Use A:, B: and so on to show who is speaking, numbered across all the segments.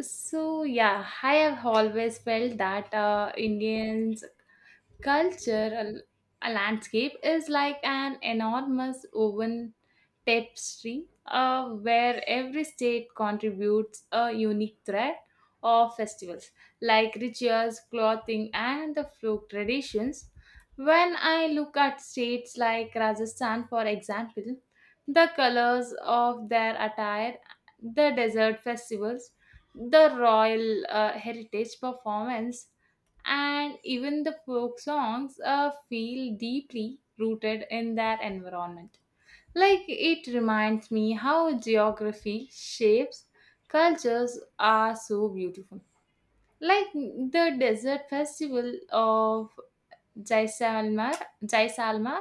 A: So yeah, I have always felt that Indians Cultural a landscape is like an enormous woven tapestry where every state contributes a unique thread of festivals like rituals, clothing, and the folk traditions. When I look at states like Rajasthan, for example, the colors of their attire, the desert festivals, the royal heritage performance, and even the folk songs feel deeply rooted in their environment. Like it reminds me how geography shapes cultures are so beautiful. Like the desert festival of Jaisalmer, Jaisalmer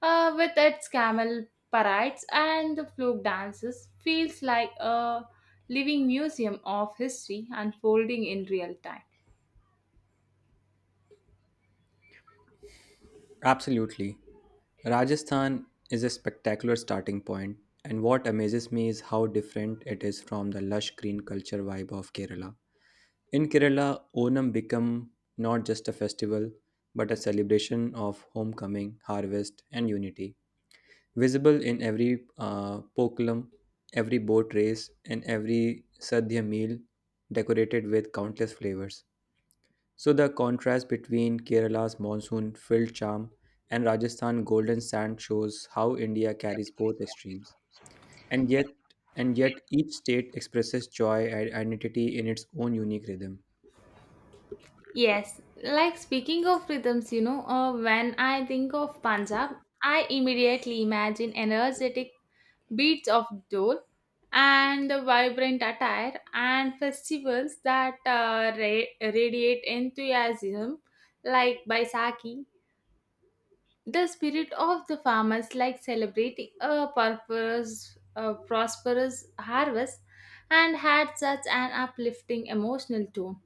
A: uh, with its camel parades and the folk dances feels like a living museum of history unfolding in real time.
B: Absolutely. Rajasthan is a spectacular starting point, and what amazes me is how different it is from the lush green culture vibe of Kerala. In Kerala, Onam become not just a festival, but a celebration of homecoming, harvest, and unity. Visible in every pokulam, every boat race, and every sadhya meal, decorated with countless flavors. So the contrast between Kerala's monsoon-filled charm and Rajasthan's golden sand shows how India carries both extremes. And yet, each state expresses joy and identity in its own unique rhythm.
A: Yes, like speaking of rhythms, you know, when I think of Punjab, I immediately imagine energetic beats of dole and the vibrant attire and festivals that radiate enthusiasm, like Baisakhi. The spirit of the farmers, like celebrating a purpose, a prosperous harvest, and had such an uplifting emotional tone.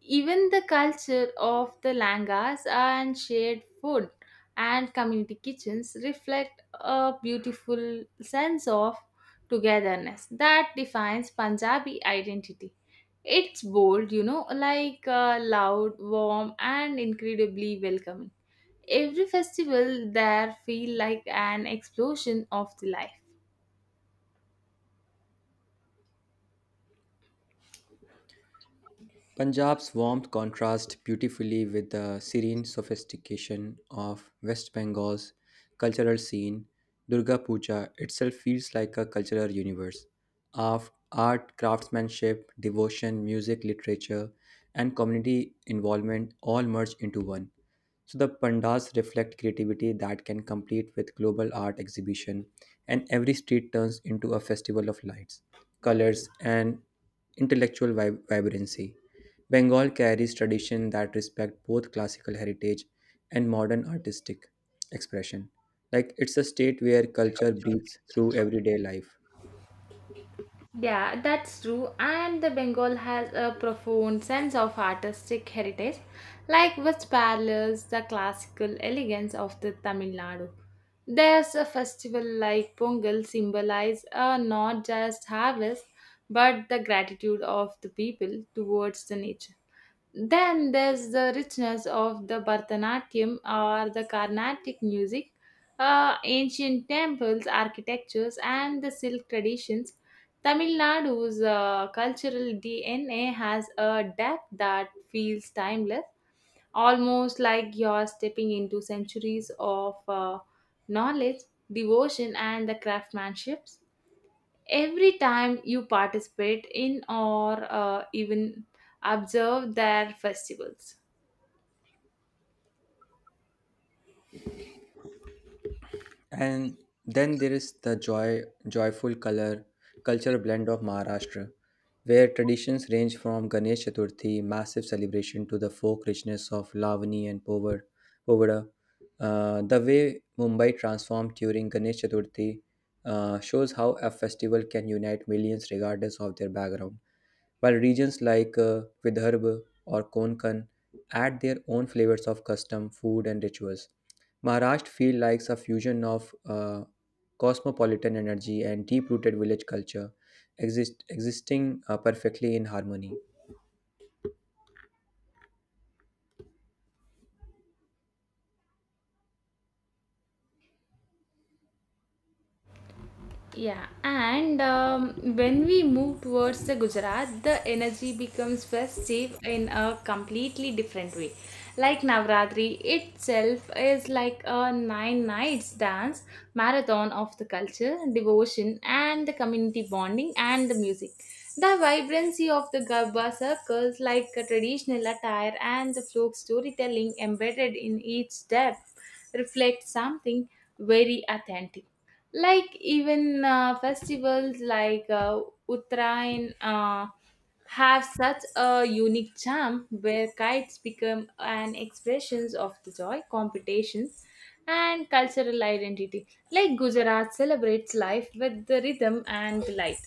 A: Even the culture of the langas and shared food and community kitchens reflect a beautiful sense of togetherness that defines Punjabi identity. It's bold, you know, like loud, warm, and incredibly welcoming. Every festival there feel like an explosion of the life.
B: Punjab's warmth contrasts beautifully with the serene sophistication of West Bengal's cultural scene. Durga Puja itself feels like a cultural universe of art, craftsmanship, devotion, music, literature, and community involvement all merged into one. So the pandas reflect creativity that can compete with global art exhibition, and every street turns into a festival of lights, colors, and intellectual vibrancy. Bengal carries tradition that respect both classical heritage and modern artistic expression. Like it's a state where culture breathes through everyday life.
A: Yeah, that's true. And the Bengal has a profound sense of artistic heritage, like which parallels the classical elegance of the Tamil Nadu. There's a festival like Pongal symbolize not just harvest, but the gratitude of the people towards the nature. Then there's the richness of the Bharatanatyam or the Carnatic music, ancient temples, architectures, and the silk traditions. Tamil Nadu's cultural DNA has a depth that feels timeless, almost like you're stepping into centuries of knowledge, devotion, and the craftsmanship every time you participate in or even observe their festivals.
B: And then there is the joyful color culture blend of Maharashtra, where traditions range from Ganesh Chaturthi, massive celebration, to the folk richness of Lavani and Povada. The way Mumbai transformed during Ganesh Chaturthi shows how a festival can unite millions regardless of their background while regions like Vidarbha or Konkan add their own flavors of custom, food, and rituals. Maharashtra feels like a fusion of cosmopolitan energy and deep-rooted village culture, existing perfectly in harmony.
A: Yeah, and when we move towards the Gujarat, the energy becomes festive in a completely different way. Like Navratri itself is like a nine nights dance marathon of the culture, devotion, and the community bonding and the music. The vibrancy of the Garba circles, like a traditional attire and the folk storytelling embedded in each step, reflect something very authentic like even festivals like Uttarayan have such a unique charm where kites become an expressions of the joy, competition, and cultural identity. Like Gujarat celebrates life with the rhythm and the light.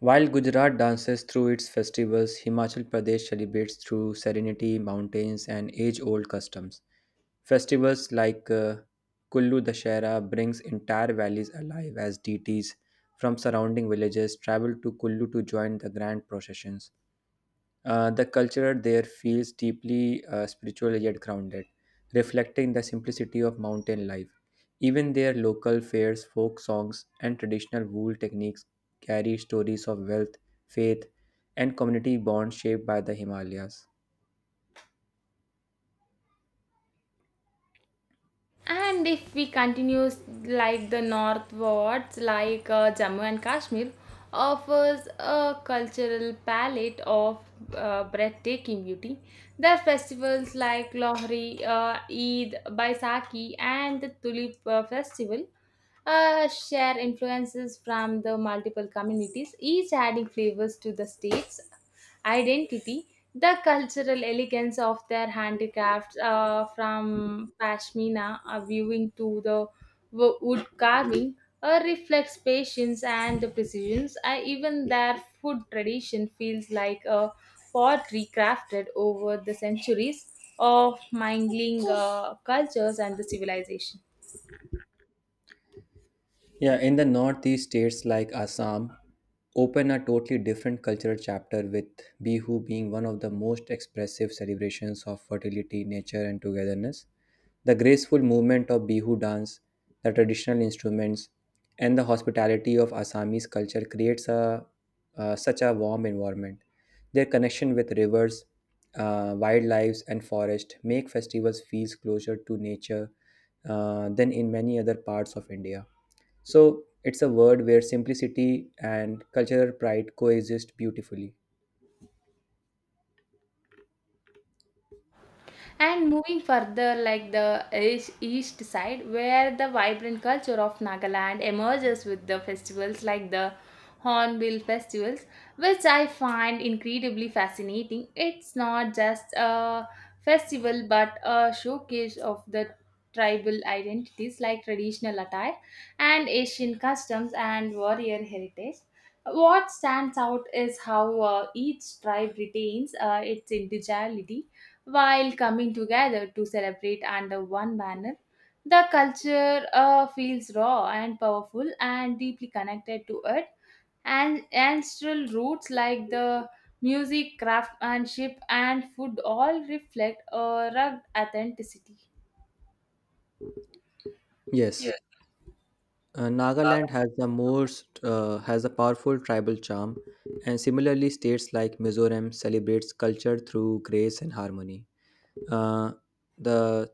B: While Gujarat dances through its festivals, Himachal Pradesh celebrates through serenity, mountains, and age-old customs. Festivals like Kullu Dashera brings entire valleys alive as deities from surrounding villages travel to Kullu to join the grand processions. The culture there feels deeply spiritual yet grounded, reflecting the simplicity of mountain life. Even their local fairs, folk songs, and traditional wool techniques carry stories of wealth, faith, and community bonds shaped by the Himalayas.
A: And if we continue like the northwards, like Jammu and Kashmir, offers a cultural palette of breathtaking beauty. There are festivals like Lohri, Eid, Baisakhi, and the Tulip Festival share influences from the multiple communities, each adding flavors to the states identity, the cultural elegance of their handicrafts, from pashmina viewing to the wood carving, reflects patience and precision. Even their food tradition feels like a pottery crafted over the centuries of mingling cultures and the civilization.
B: Yeah, in the northeast states like Assam, open a totally different cultural chapter with Bihu being one of the most expressive celebrations of fertility, nature, and togetherness. The graceful movement of Bihu dance, the traditional instruments, and the hospitality of Assamese culture creates a such a warm environment. Their connection with rivers, wildlife, and forest make festivals feel closer to nature than in many other parts of India. So it's a word where simplicity and cultural pride coexist beautifully.
A: And moving further, like the east side, where the vibrant culture of Nagaland emerges with the festivals like the Hornbill festivals, which I find incredibly fascinating. It's not just a festival but a showcase of the tribal identities like traditional attire and Asian customs and warrior heritage. What stands out is how each tribe retains its individuality while coming together to celebrate under one banner. The culture feels raw and powerful and deeply connected to it and ancestral roots like the music, craftsmanship, and food all reflect a rugged authenticity.
B: Yes, Nagaland has the most has a powerful tribal charm, and similarly, states like Mizoram celebrates culture through grace and harmony. Uh, the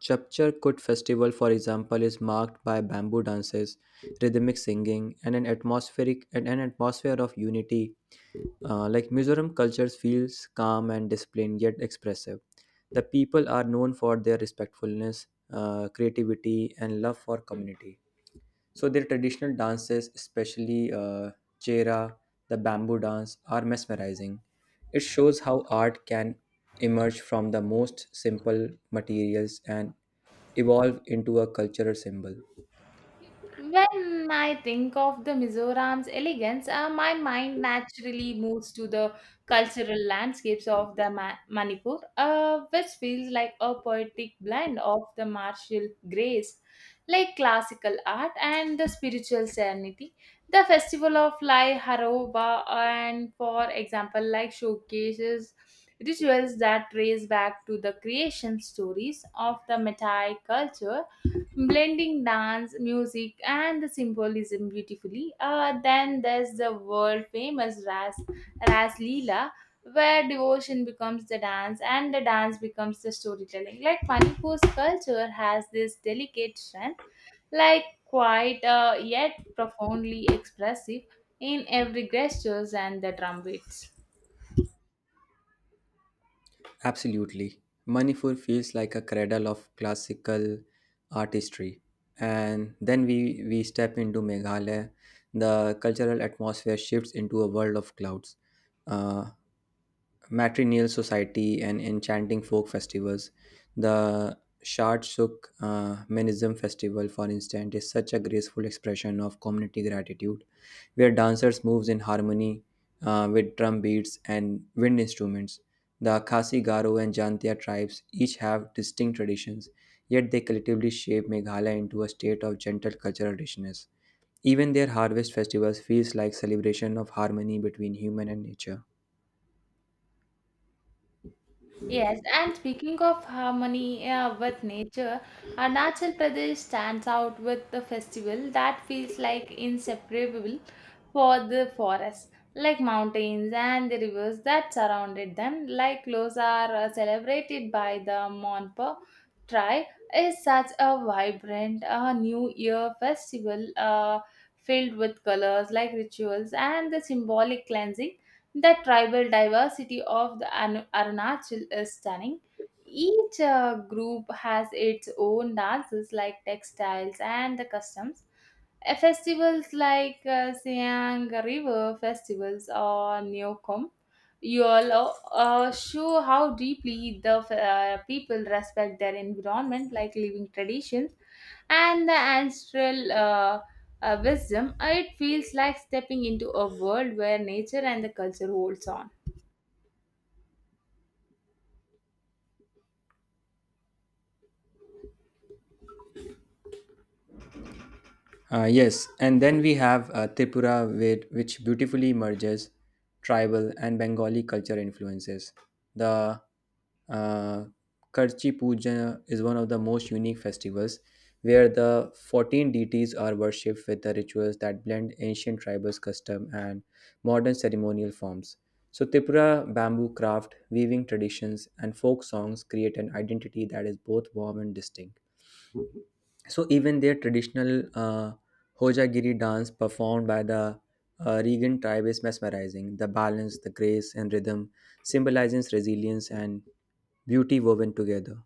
B: Chapchar Kut festival, for example, is marked by bamboo dances, rhythmic singing, and an atmospheric and an atmosphere of unity. Like Mizoram culture feels calm and disciplined yet expressive. The people are known for their respectfulness, creativity, and love for community. So their traditional dances, especially Chera, the bamboo dance, are mesmerizing. It shows how art can emerge from the most simple materials and evolve into a cultural symbol.
A: When I think of the Mizoram's elegance, my mind naturally moves to the cultural landscapes of the Manipur, which feels like a poetic blend of the martial grace, like classical art, and the spiritual serenity. The festival of Lai Haroba, and for example, like showcases rituals that trace back to the creation stories of the Matai culture blending dance, music, and the symbolism beautifully. Then there's the world famous Ras Leela, where devotion becomes the dance and the dance becomes the storytelling. Like Manipur's culture has this delicate strength, like quite yet profoundly expressive in every gestures and the drum beats.
B: Absolutely. Manipur feels like a cradle of classical artistry. And then we step into Meghalaya. The cultural atmosphere shifts into a world of clouds. Uh, matrilineal society and enchanting folk festivals. The Shardshuk Menism Festival, for instance, is such a graceful expression of community gratitude, where dancers moves in harmony with drum beats and wind instruments. The Khasi Garo and Jantia tribes each have distinct traditions, yet they collectively shape Meghalaya into a state of gentle cultural richness. Even their harvest festivals feels like celebration of harmony between human and nature.
A: Yes, and speaking of harmony with nature, Arunachal Pradesh stands out with the festival that feels like inseparable for the forests, like mountains and the rivers that surrounded them, like those are celebrated by the Monpo tribe, is such a vibrant New Year festival filled with colors like rituals and the symbolic cleansing the tribal diversity of the Arunachal is stunning. Each group has its own dances like textiles and the customs. Festivals like Siang River Festivals or Neokom Yol show how deeply the people respect their environment, like living traditions and the ancestral wisdom, it feels like stepping into a world where nature and the culture holds on.
B: Yes, and then we have Tripura, where, which beautifully merges tribal and Bengali culture influences. The uh, Karchi Puja is one of the most unique festivals where the 14 deities are worshipped with the rituals that blend ancient tribal custom and modern ceremonial forms. So, Tripura bamboo craft, weaving traditions, and folk songs create an identity that is both warm and distinct. So even their traditional Hojagiri dance performed by the Regan tribe is mesmerizing. The balance, the grace, and rhythm symbolizes resilience and beauty woven together.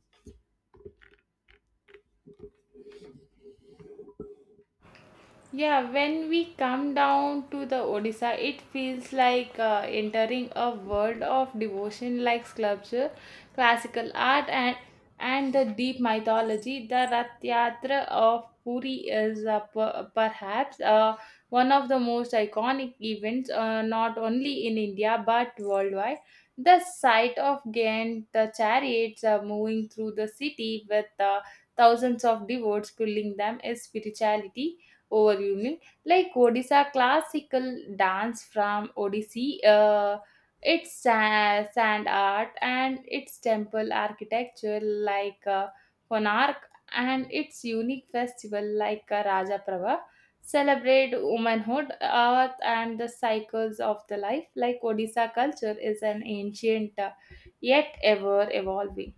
A: Yeah, when we come down to the Odisha, it feels like entering a world of devotion like sculpture, classical art, and the deep mythology. The Rath Yatra of Puri is perhaps one of the most iconic events, not only in India but worldwide. The sight of Ghent, the chariots moving through the city with thousands of devotees pulling them, is spirituality over Yumi. Like Odisha classical dance from Odissi, its sand art and its temple architecture like Konark and its unique festival like Raja Prava celebrate womanhood, earth and the cycles of the life like Odisha culture is an ancient yet ever evolving.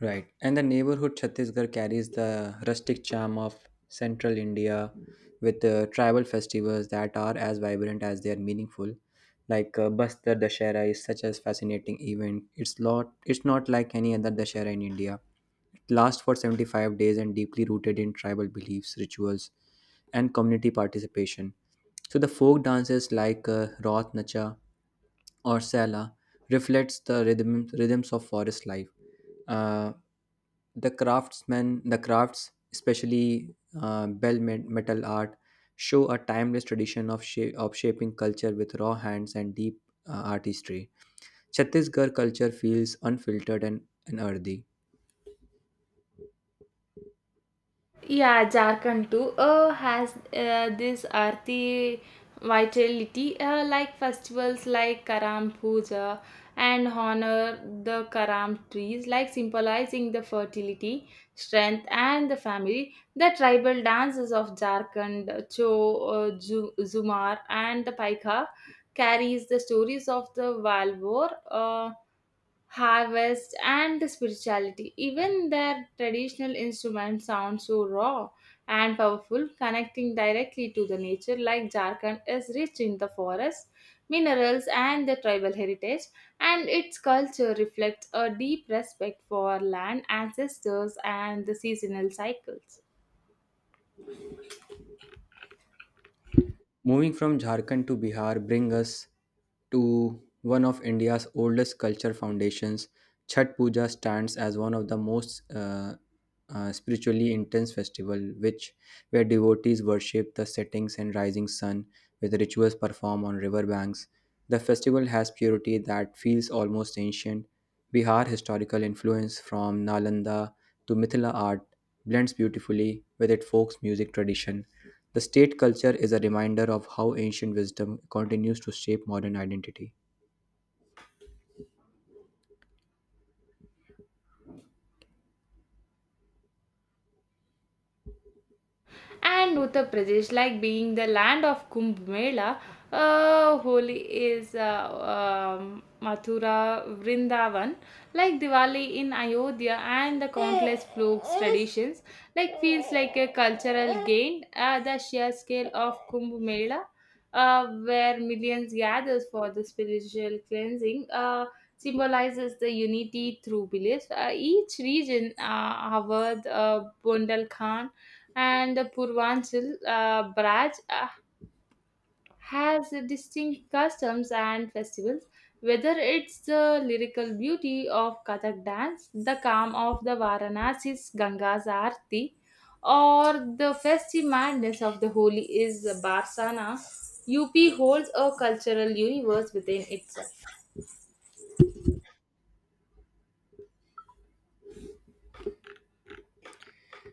B: Right. And the neighborhood Chhattisgarh carries the rustic charm of central India with tribal festivals that are as vibrant as they are meaningful. Like Bastar Dashera is such a fascinating event. It's lot. It's not like any other Dashera in India. It lasts for 75 days and deeply rooted in tribal beliefs, rituals, and community participation. So the folk dances like Roth Nacha or Sela reflects the rhythms of forest life. Uh, the craftsmen, the crafts, especially metal art, show a timeless tradition of, of shaping culture with raw hands and deep artistry. Chhattisgarh culture feels unfiltered and earthy.
A: Yeah, Jharkhand too has this arti vitality like festivals like Karam Puja and honor the Karam trees like symbolizing the fertility, strength and the family. The tribal dances of Jharkhand, Cho, Zumar and the Paika carries the stories of the Valvor harvest, and the spirituality. Even their traditional instruments sound so raw and powerful, connecting directly to the nature, like Jharkhand is rich in the forests, minerals, and the tribal heritage, and its culture reflects a deep respect for land, ancestors, and the seasonal cycles.
B: Moving from Jharkhand to Bihar bring us to one of India's oldest culture foundations. Chhat Puja stands as one of the most spiritually intense festival, which where devotees worship the settings and rising sun with rituals performed on river banks. The festival has purity that feels almost ancient. Bihar historical influence from Nalanda to Mithila art blends beautifully with its folk's music tradition. The state culture is a reminder of how ancient wisdom continues to shape modern identity.
A: And Uttar Pradesh, like being the land of Kumbh Mela, Holi is Mathura, Vrindavan, like Diwali in Ayodhya, and the countless folk traditions, like feels like a cultural gain. The sheer scale of Kumbh Mela, where millions gathers for the spiritual cleansing, symbolizes the unity through beliefs. Each region, Awadh, Bundelkhand and the Purvanchal branch has distinct customs and festivals. Whether it's the lyrical beauty of Kathak dance, the calm of the Varanasi's Ganga's Aarti, or the festive madness of the Holi is Barsana, UP holds a cultural universe within itself.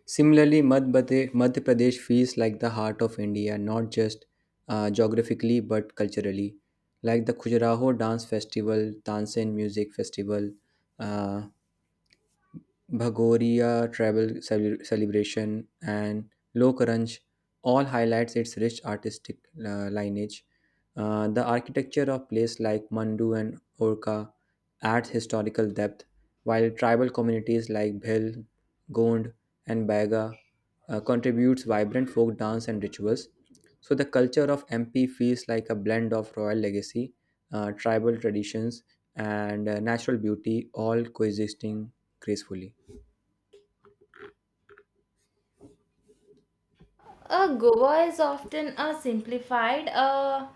B: Similarly, Madhya Pradesh feels like the heart of India, not just geographically but culturally. Like the Khajuraho Dance Festival, Tansen Music Festival, uh, celebration, and Lokranj all highlights its rich artistic lineage. The architecture of places like Mandu and Orka adds historical depth, while tribal communities like Bhil, Gond, and Baiga contributes vibrant folk dance and rituals. So the culture of MP feels like a blend of royal legacy, tribal traditions, and natural beauty all coexisting gracefully.
A: Goa is often a simplified.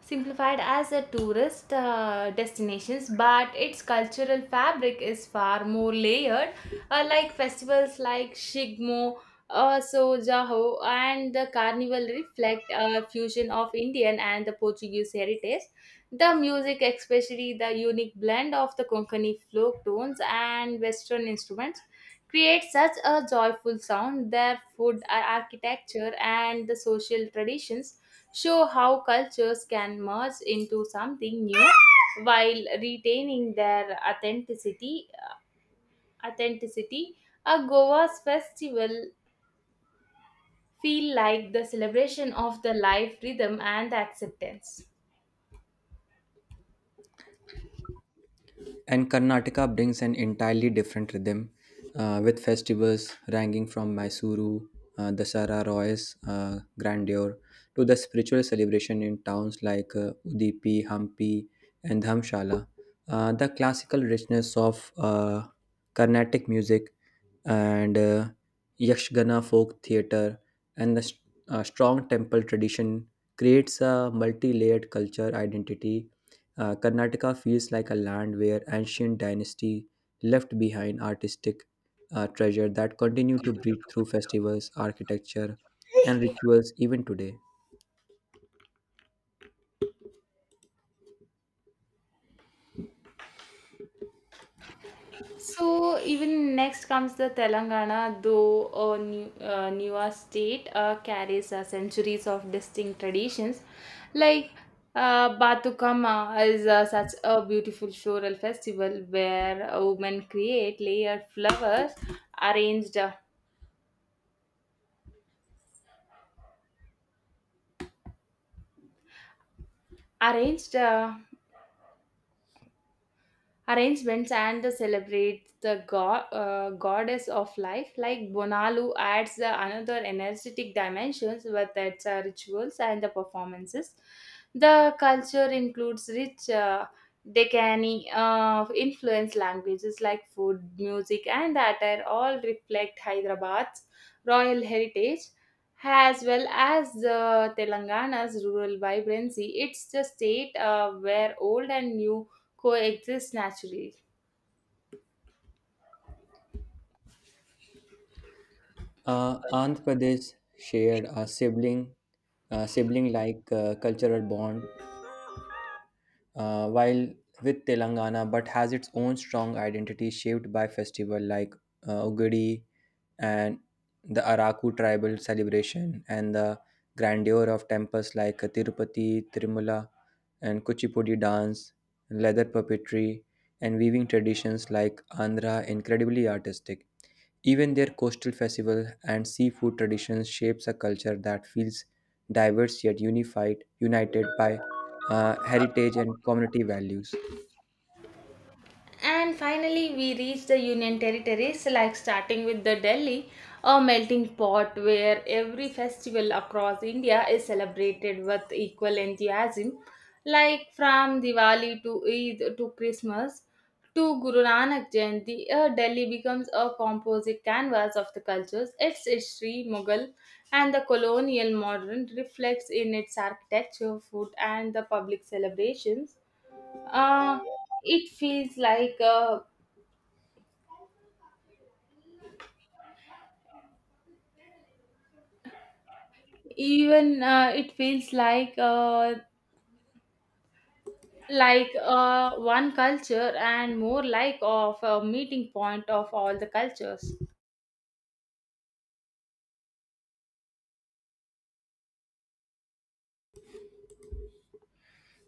A: Simplified as a tourist destinations but its cultural fabric is far more layered like festivals like shigmo so and the carnival reflect a fusion of Indian and the Portuguese heritage. The music, especially the unique blend of the Konkani folk tones and Western instruments, creates such a joyful sound. Their food, architecture, and the social traditions show how cultures can merge into something new while retaining their authenticity a goa's festival feel like the celebration of the life rhythm and the acceptance.
B: And Karnataka brings an entirely different rhythm with festivals ranging from Mysuru, Dasara Roy's grandeur, to the spiritual celebration in towns like Udipi, Hampi, and Dhamshala. The classical richness of Carnatic music and Yakshagana folk theatre and the strong temple tradition creates a multi layered culture identity. Karnataka feels like a land where ancient dynasty left behind artistic treasure that continue to breathe through festivals, architecture, and rituals even today.
A: So even next comes the Telangana, though a new, newer state carries centuries of distinct traditions. Like Batukama is such a beautiful floral festival where women create layered flowers arranged arranged arrangements and celebrates the goddess of life like bonalu adds the another energetic dimensions with its rituals and the performances the culture includes rich Decani influence languages like food, music, and attire all reflect Hyderabad's royal heritage as well as the Telangana's rural vibrancy. It's the state where old and new coexist naturally.
B: Andhra Pradesh shared a sibling-like cultural bond while with Telangana, but has its own strong identity shaped by festival like Ugadi and the Araku tribal celebration and the grandeur of temples like Tirupati, Tirumala, and Kuchipudi dance, leather puppetry, and weaving traditions like Andhra incredibly artistic. Even their coastal festival and seafood traditions shapes a culture that feels diverse yet united by heritage and community values.
A: And finally, we reach the Union territories, like starting with the Delhi, a melting pot where every festival across India is celebrated with equal enthusiasm, like from Diwali to Eid to Christmas to Guru Nanak Jayanti. Delhi becomes a composite canvas of the cultures. Its history, Mughal, and the colonial modern reflects in its architecture, food, and the public celebrations uh, it feels like even it feels like one culture and more like of a meeting point of all the cultures.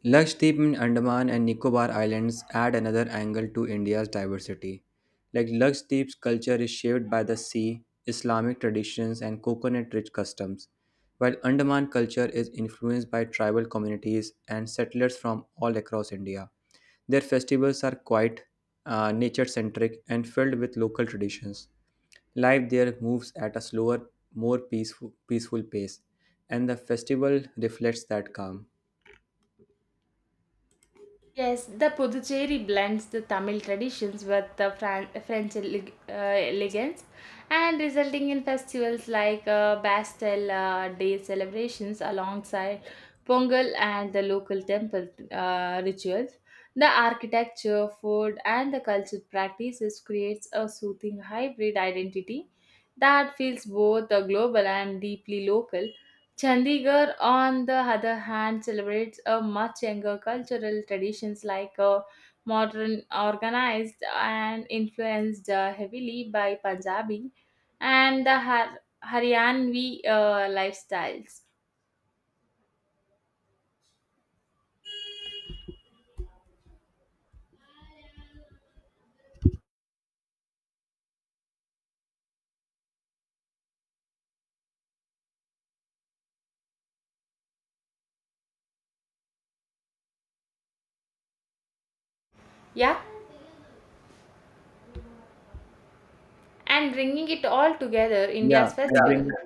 B: Lakshadweep in Andaman and Nicobar Islands add another angle to India's diversity. Like Lakshadweep's culture is shaped by the sea, Islamic traditions, and coconut rich customs, while Andaman culture is influenced by tribal communities and settlers from all across India. Their festivals are quite nature centric, and filled with local traditions. Life there moves at a slower, more peaceful pace, and the festival reflects that calm.
A: Yes, the Puducherry blends the Tamil traditions with the French elegance and resulting in festivals like Bastille Day celebrations alongside Pongal and the local temple rituals. The architecture, food and the cultural practices creates a soothing hybrid identity that feels both global and deeply local. Chandigarh, on the other hand, celebrates a much younger cultural traditions like modern, organized, and influenced heavily by Punjabi and the Haryanvi lifestyles. Yeah, and bringing it all together,
B: Yeah,
A: India's
B: I
A: festival.
B: bring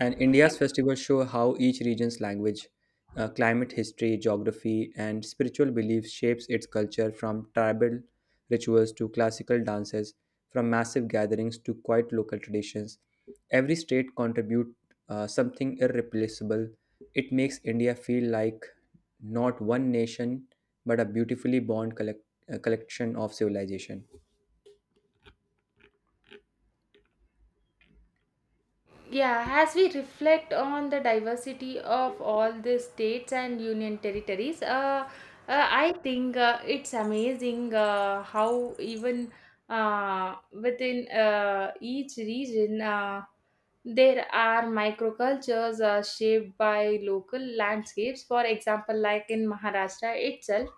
B: And India's festivals show how each region's language, climate, history, geography, and spiritual beliefs shapes its culture from tribal rituals to classical dances, from massive gatherings to quiet local traditions. Every state contributes something irreplaceable. It makes India feel like not one nation, but a beautifully born collection of civilization.
A: Yeah, as we reflect on the diversity of all the states and union territories, I think it's amazing how even within each region there are microcultures shaped by local landscapes. For example, like in Maharashtra itself,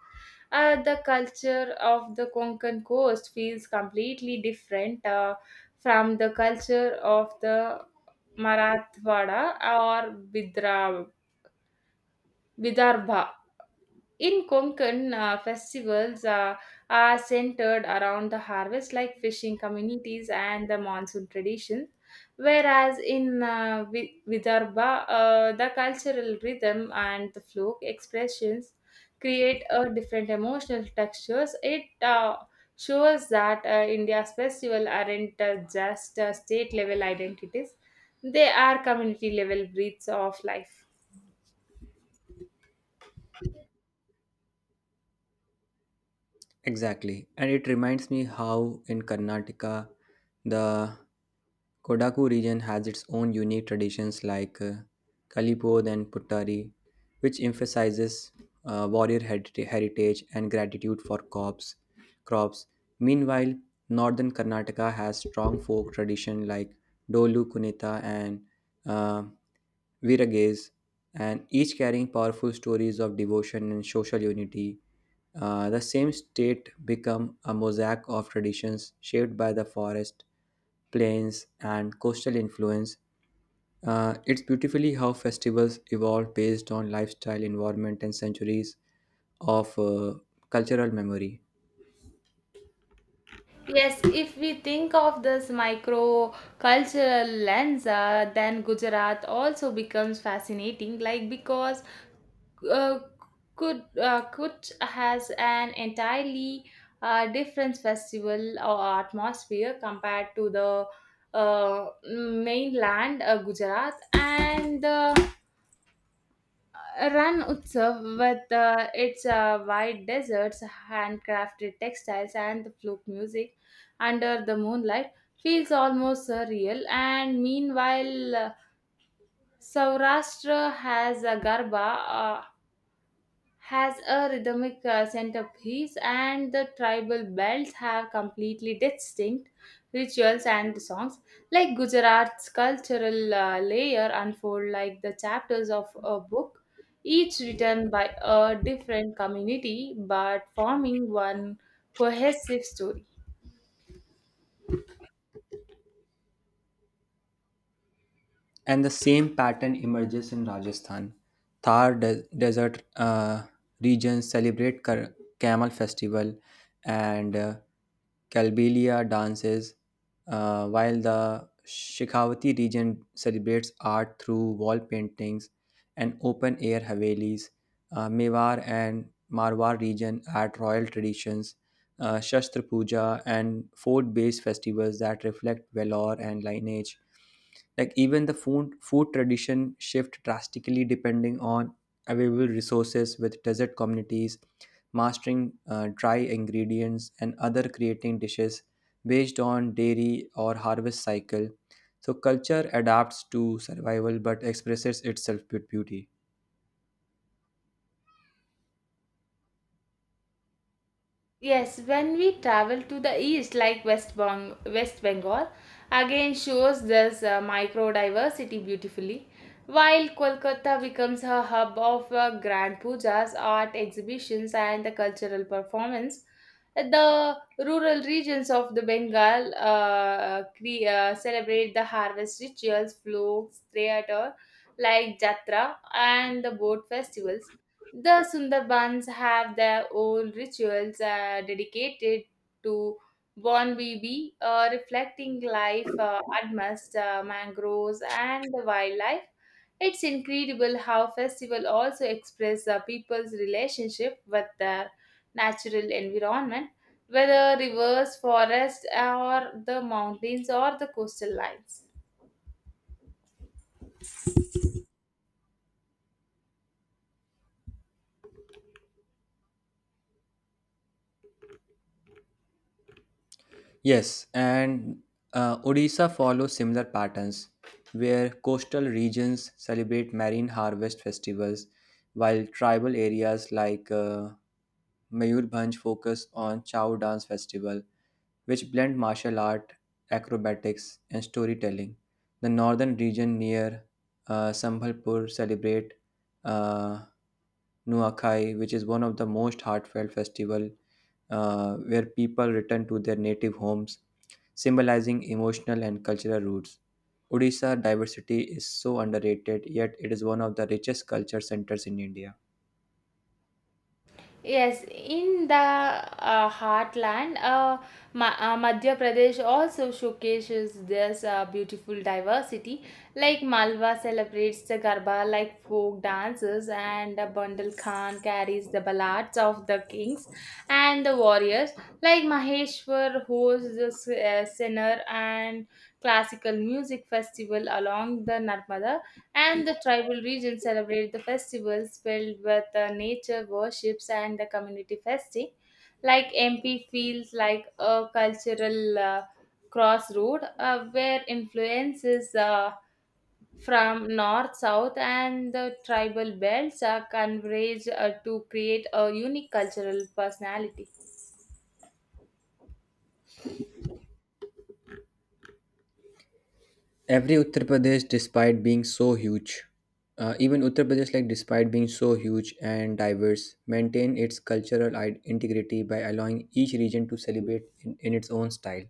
A: the culture of the Konkan coast feels completely different from the culture of the Marathwada or Bidra Vidarbha. In Konkan, festivals are centered around the harvest, like fishing communities and the monsoon tradition. Whereas in Vidarbha, the cultural rhythm and the folk expressions create a different emotional textures. It shows that India's festival aren't just state level identities; they are community level breeds of life.
B: Exactly. And it reminds me how in Karnataka, the Kodaku region has its own unique traditions like Kalipod and Puttari, which emphasizes heritage and gratitude for crops. Meanwhile, northern Karnataka has strong folk tradition like Dolu Kunita and uh, Virages, and each carrying powerful stories of devotion and social unity. The same state become a mosaic of traditions shaped by the forest, plains, and coastal influence. It's beautifully how festivals evolve based on lifestyle, environment, and centuries of cultural memory.
A: Yes, if we think of this micro cultural lens, then Gujarat also becomes fascinating, like because uh, Kud Kutch has an entirely different festival or atmosphere compared to the uh, mainland Gujarat, and Ran Utsav with its wide deserts, handcrafted textiles, and the flute music under the moonlight feels almost surreal. And meanwhile, Saurashtra has a rhythmic centerpiece, and the tribal belts have completely distinct rituals and songs. Like Gujarat's cultural layer unfold like the chapters of a book, each written by a different community but forming one cohesive story.
B: And the same pattern emerges in Rajasthan. Desert regions celebrate camel festival and Kalbelia dances, while the Shikhawati region celebrates art through wall paintings and open air havelis. Mewar and Marwar region add royal traditions, Shastra Puja, and fort based festivals that reflect valor and lineage. Like even the food tradition shift drastically depending on available resources with desert communities mastering dry ingredients and other creating dishes based on dairy or harvest cycle. So culture adapts to survival but expresses itself with beauty.
A: Yes, when we travel to the east, like West Bengal, again shows this microdiversity beautifully. While Kolkata becomes a hub of grand pujas, art exhibitions, and the cultural performance, the rural regions of the Bengal celebrate the harvest rituals, folks, theater like Jatra, and the boat festivals the Sundarbans have their own rituals dedicated to Bonbibi, reflecting life amidst mangroves and the wildlife. It's incredible how festival also express people's relationship with their natural environment, whether rivers, forests, or the mountains or the coastal lines.
B: Yes, and Odisha follows similar patterns where coastal regions celebrate marine harvest festivals while tribal areas like Mayurbanj focused on Chow Dance Festival, which blend martial art, acrobatics, and storytelling. The northern region near Sambalpur celebrate uh, Nuakhai, which is one of the most heartfelt festival where people return to their native homes, symbolizing emotional and cultural roots. Odisha diversity is so underrated, yet it is one of the richest culture centers in India.
A: Yes, in the heartland, Madhya Pradesh also showcases this beautiful diversity. Like Malwa celebrates the Garba like folk dances, and Bandal Khan carries the ballads of the kings and the warriors. Like Maheshwar hosts the sinner and classical music festival along the Narmada, and the tribal region celebrate the festivals filled with nature worships and the community festing. Like MP feels like a cultural crossroad where influences from north, south, and the tribal belts are converged to create a unique cultural personality.
B: Every uttar pradesh despite being so huge even uttar pradesh like despite being so huge and diverse maintain its cultural integrity by allowing each region to celebrate in its own style.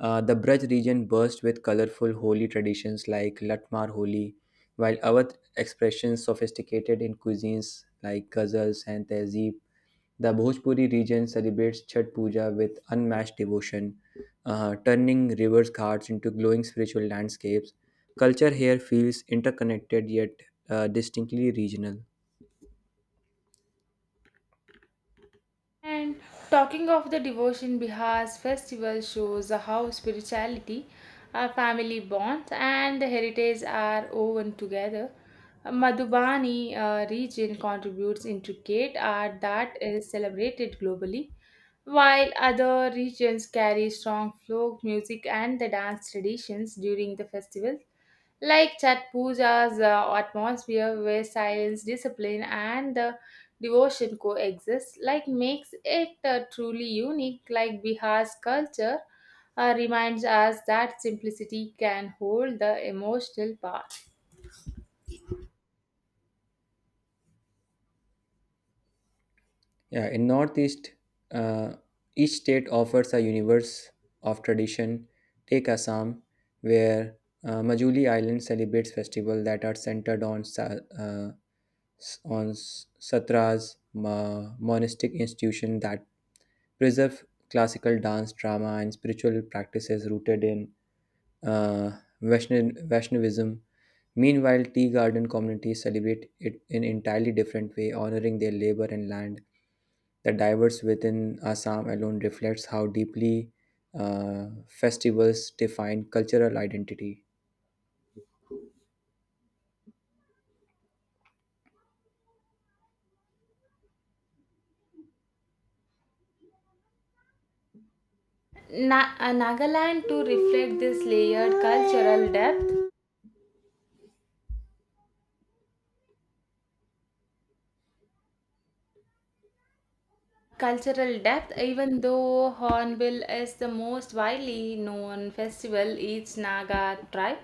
B: The braj region burst with colorful holi traditions like latmar holi while awadh expressions sophisticated in cuisines like ghazals and tehzeeb. The Bhojpuri region celebrates Chhath Puja with unmatched devotion, turning rivers ghats into glowing spiritual landscapes. Culture here feels interconnected yet distinctly regional.
A: And talking of the devotion, Bihar's festival shows how spirituality, our family bonds, and the heritage are woven together. Madhubani region contributes intricate art that is celebrated globally, while other regions carry strong folk music and the dance traditions during the festival like Chat Puja's atmosphere where silence, discipline, and the devotion coexist, like makes it truly unique. Like Bihar's culture reminds us that simplicity can hold the emotional power.
B: Yeah, in Northeast, uh, each state offers a universe of tradition. Take Assam, where Majuli Island celebrates festivals that are centered on satras, monastic institutions that preserve classical dance, drama, and spiritual practices rooted in uh, Vaishnavism. Meanwhile, tea garden communities celebrate it in entirely different way, honoring their labor and land. The diverse within Assam alone reflects how deeply festivals define cultural identity.
A: Nagaland to reflect this layered cultural depth cultural depth, even though Hornbill is the most widely known festival, each Naga tribe,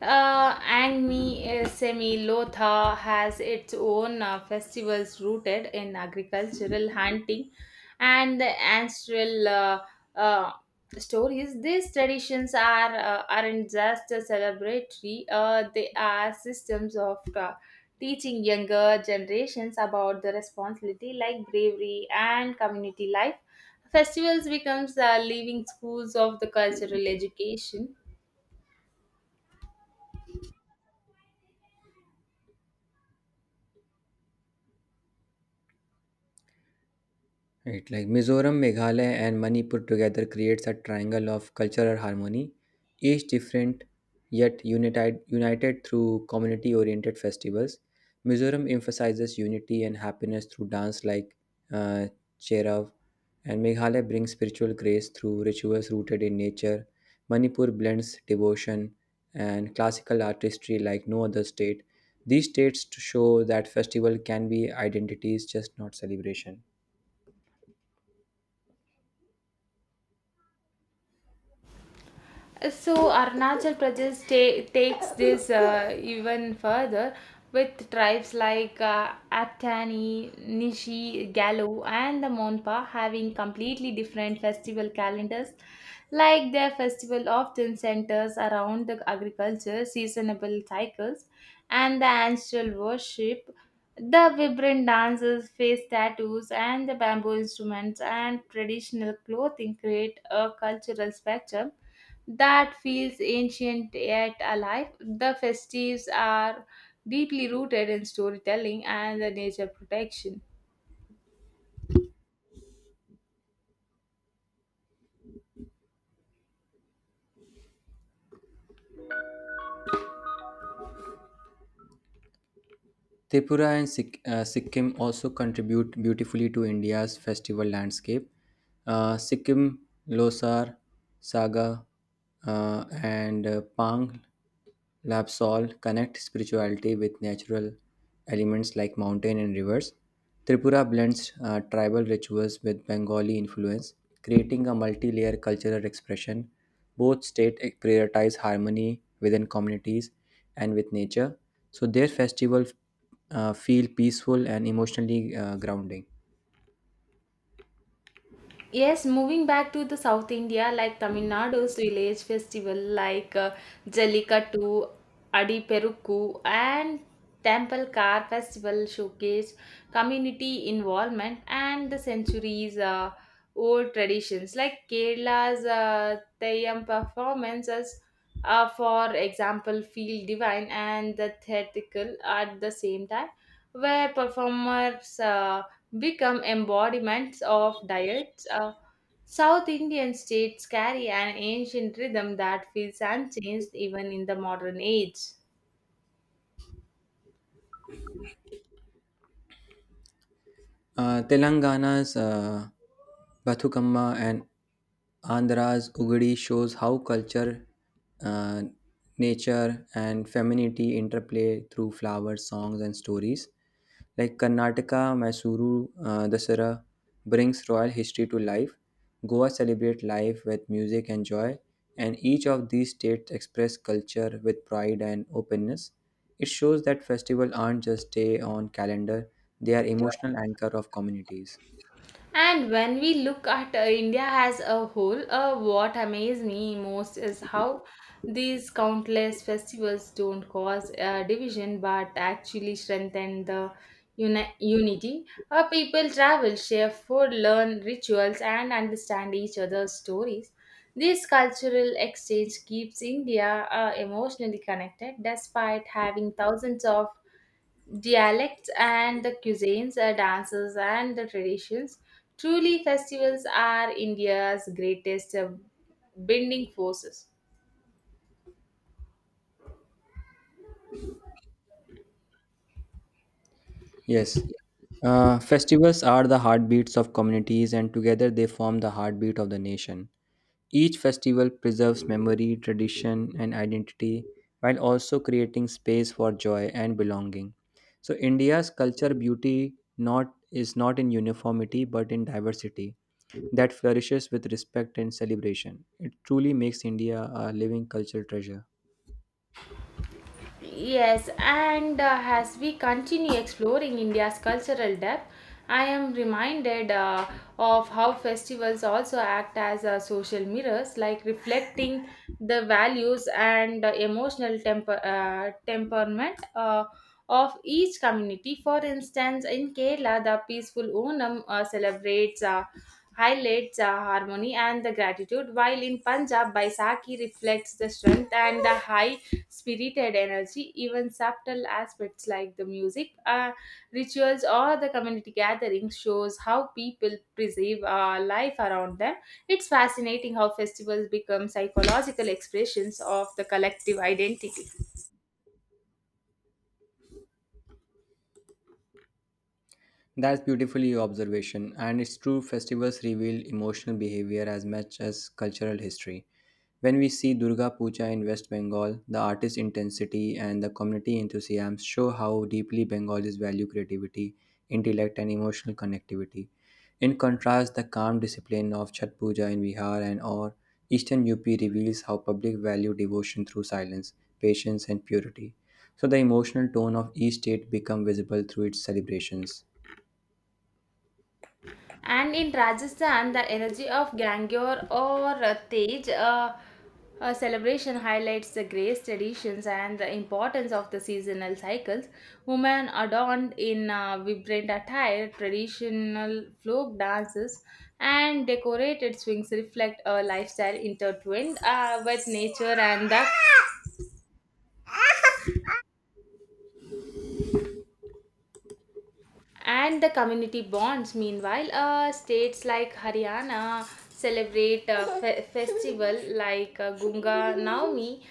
A: Angmi Semi Lotha has its own festivals rooted in agricultural hunting and the ancestral uh, stories. These traditions aren't just celebratory; they are systems of teaching younger generations about the responsibility like bravery and community life. Festivals becomes the living schools of the cultural education.
B: Right, like Mizoram, Meghalaya, and Manipur together creates a triangle of cultural harmony, each different yet united through community oriented festivals. Mizoram emphasizes unity and happiness through dance like uh, Cherav, and Meghalaya brings spiritual grace through rituals rooted in nature. Manipur blends devotion and classical artistry like no other state. These states to show that festival can be identities, just not celebration.
A: So Arunachal Pradesh takes this even further with tribes like Attani, Nishi, Galo, and the Monpa having completely different festival calendars. Like their festival often centers around the agriculture, seasonable cycles, and the ancestral worship. The vibrant dances, face tattoos, and the bamboo instruments and traditional clothing create a cultural spectrum that feels ancient yet alive. The festives are deeply rooted in storytelling and the nature protection.
B: Tripura and Sikkim also contribute beautifully to India's festival landscape. Sikkim, Losar, Saga, and Pang Lapsol connect spirituality with natural elements like mountain and rivers. Tripura blends tribal rituals with Bengali influence, creating a multi layer cultural expression. Both states eh, prioritize harmony within communities and with nature, so their festival feel peaceful and emotionally grounding.
A: Yes, moving back to the South India, like Tamil Nadu's village festival, like Jallikattu, Adiperukku, and Temple Car Festival showcase community involvement and the centuries old traditions. Like Kerala's Theyyam performances, for example, feel divine and the theatrical at the same time, where performers become embodiments of diets. South Indian states carry an ancient rhythm that feels unchanged even in the modern age.
B: Telangana's Bathukamma and Andhra's Ugadi shows how culture, uh, nature, and femininity interplay through flowers, songs, and stories. Like Karnataka, Mysuru, Dasara brings royal history to life. Goa celebrate life with music and joy, and each of these states express culture with pride and openness. It shows that festivals aren't just day on calendar, they are emotional anchor of communities.
A: And when we look at India as a whole, what amazes me most is how these countless festivals don't cause division but actually strengthen the unity. Our people travel, share food, learn rituals, and understand each other's stories. This cultural exchange keeps India emotionally connected despite having thousands of dialects and the cuisines, dances and the traditions. Truly, festivals are India's greatest binding forces.
B: Yes, festivals are the heartbeats of communities, and together they form the heartbeat of the nation. Each festival preserves memory, tradition, and identity while also creating space for joy and belonging. So, India's culture beauty not is not in uniformity but in diversity that flourishes with respect and celebration. It truly makes India a living cultural treasure.
A: Yes, and as we continue exploring India's cultural depth, I am reminded of how festivals also act as social mirrors, like reflecting the values and emotional temperament of each community. For instance, in Kerala, the peaceful Onam celebrates. Highlights harmony and the gratitude while in punjab baisakhi reflects the strength and the high spirited energy. Even subtle aspects like the music, rituals, or the community gatherings shows how people perceive life around them. It's fascinating how festivals become psychological expressions of the collective identity.
B: That's beautifully observation, and it's true festivals reveal emotional behavior as much as cultural history. When we see Durga Puja in West Bengal, the artist intensity and the community enthusiasm show how deeply Bengalis value creativity, intellect, and emotional connectivity. In contrast, the calm discipline of Chhat Puja in Bihar and or Eastern UP reveals how public value devotion through silence, patience, and purity. So the emotional tone of each state become visible through its celebrations.
A: And in Rajasthan, the energy of Gangor or Tej celebration highlights the grace traditions and the importance of the seasonal cycles. Women adorned in vibrant attire, traditional folk dances, and decorated swings reflect a lifestyle intertwined with nature and the and the community bonds. Meanwhile, states like Haryana celebrate a festival like Gunga Naumi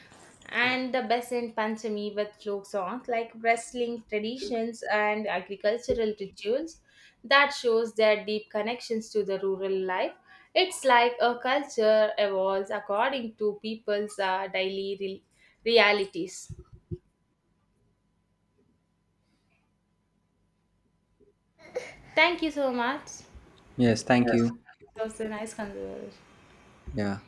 A: and the Basant Panchami with folk songs like wrestling traditions and agricultural rituals that shows their deep connections to the rural life. It's like a culture evolves according to people's daily realities. Thank you so much.
B: Yes, thank you.
A: It was a nice conversation.
B: Yeah.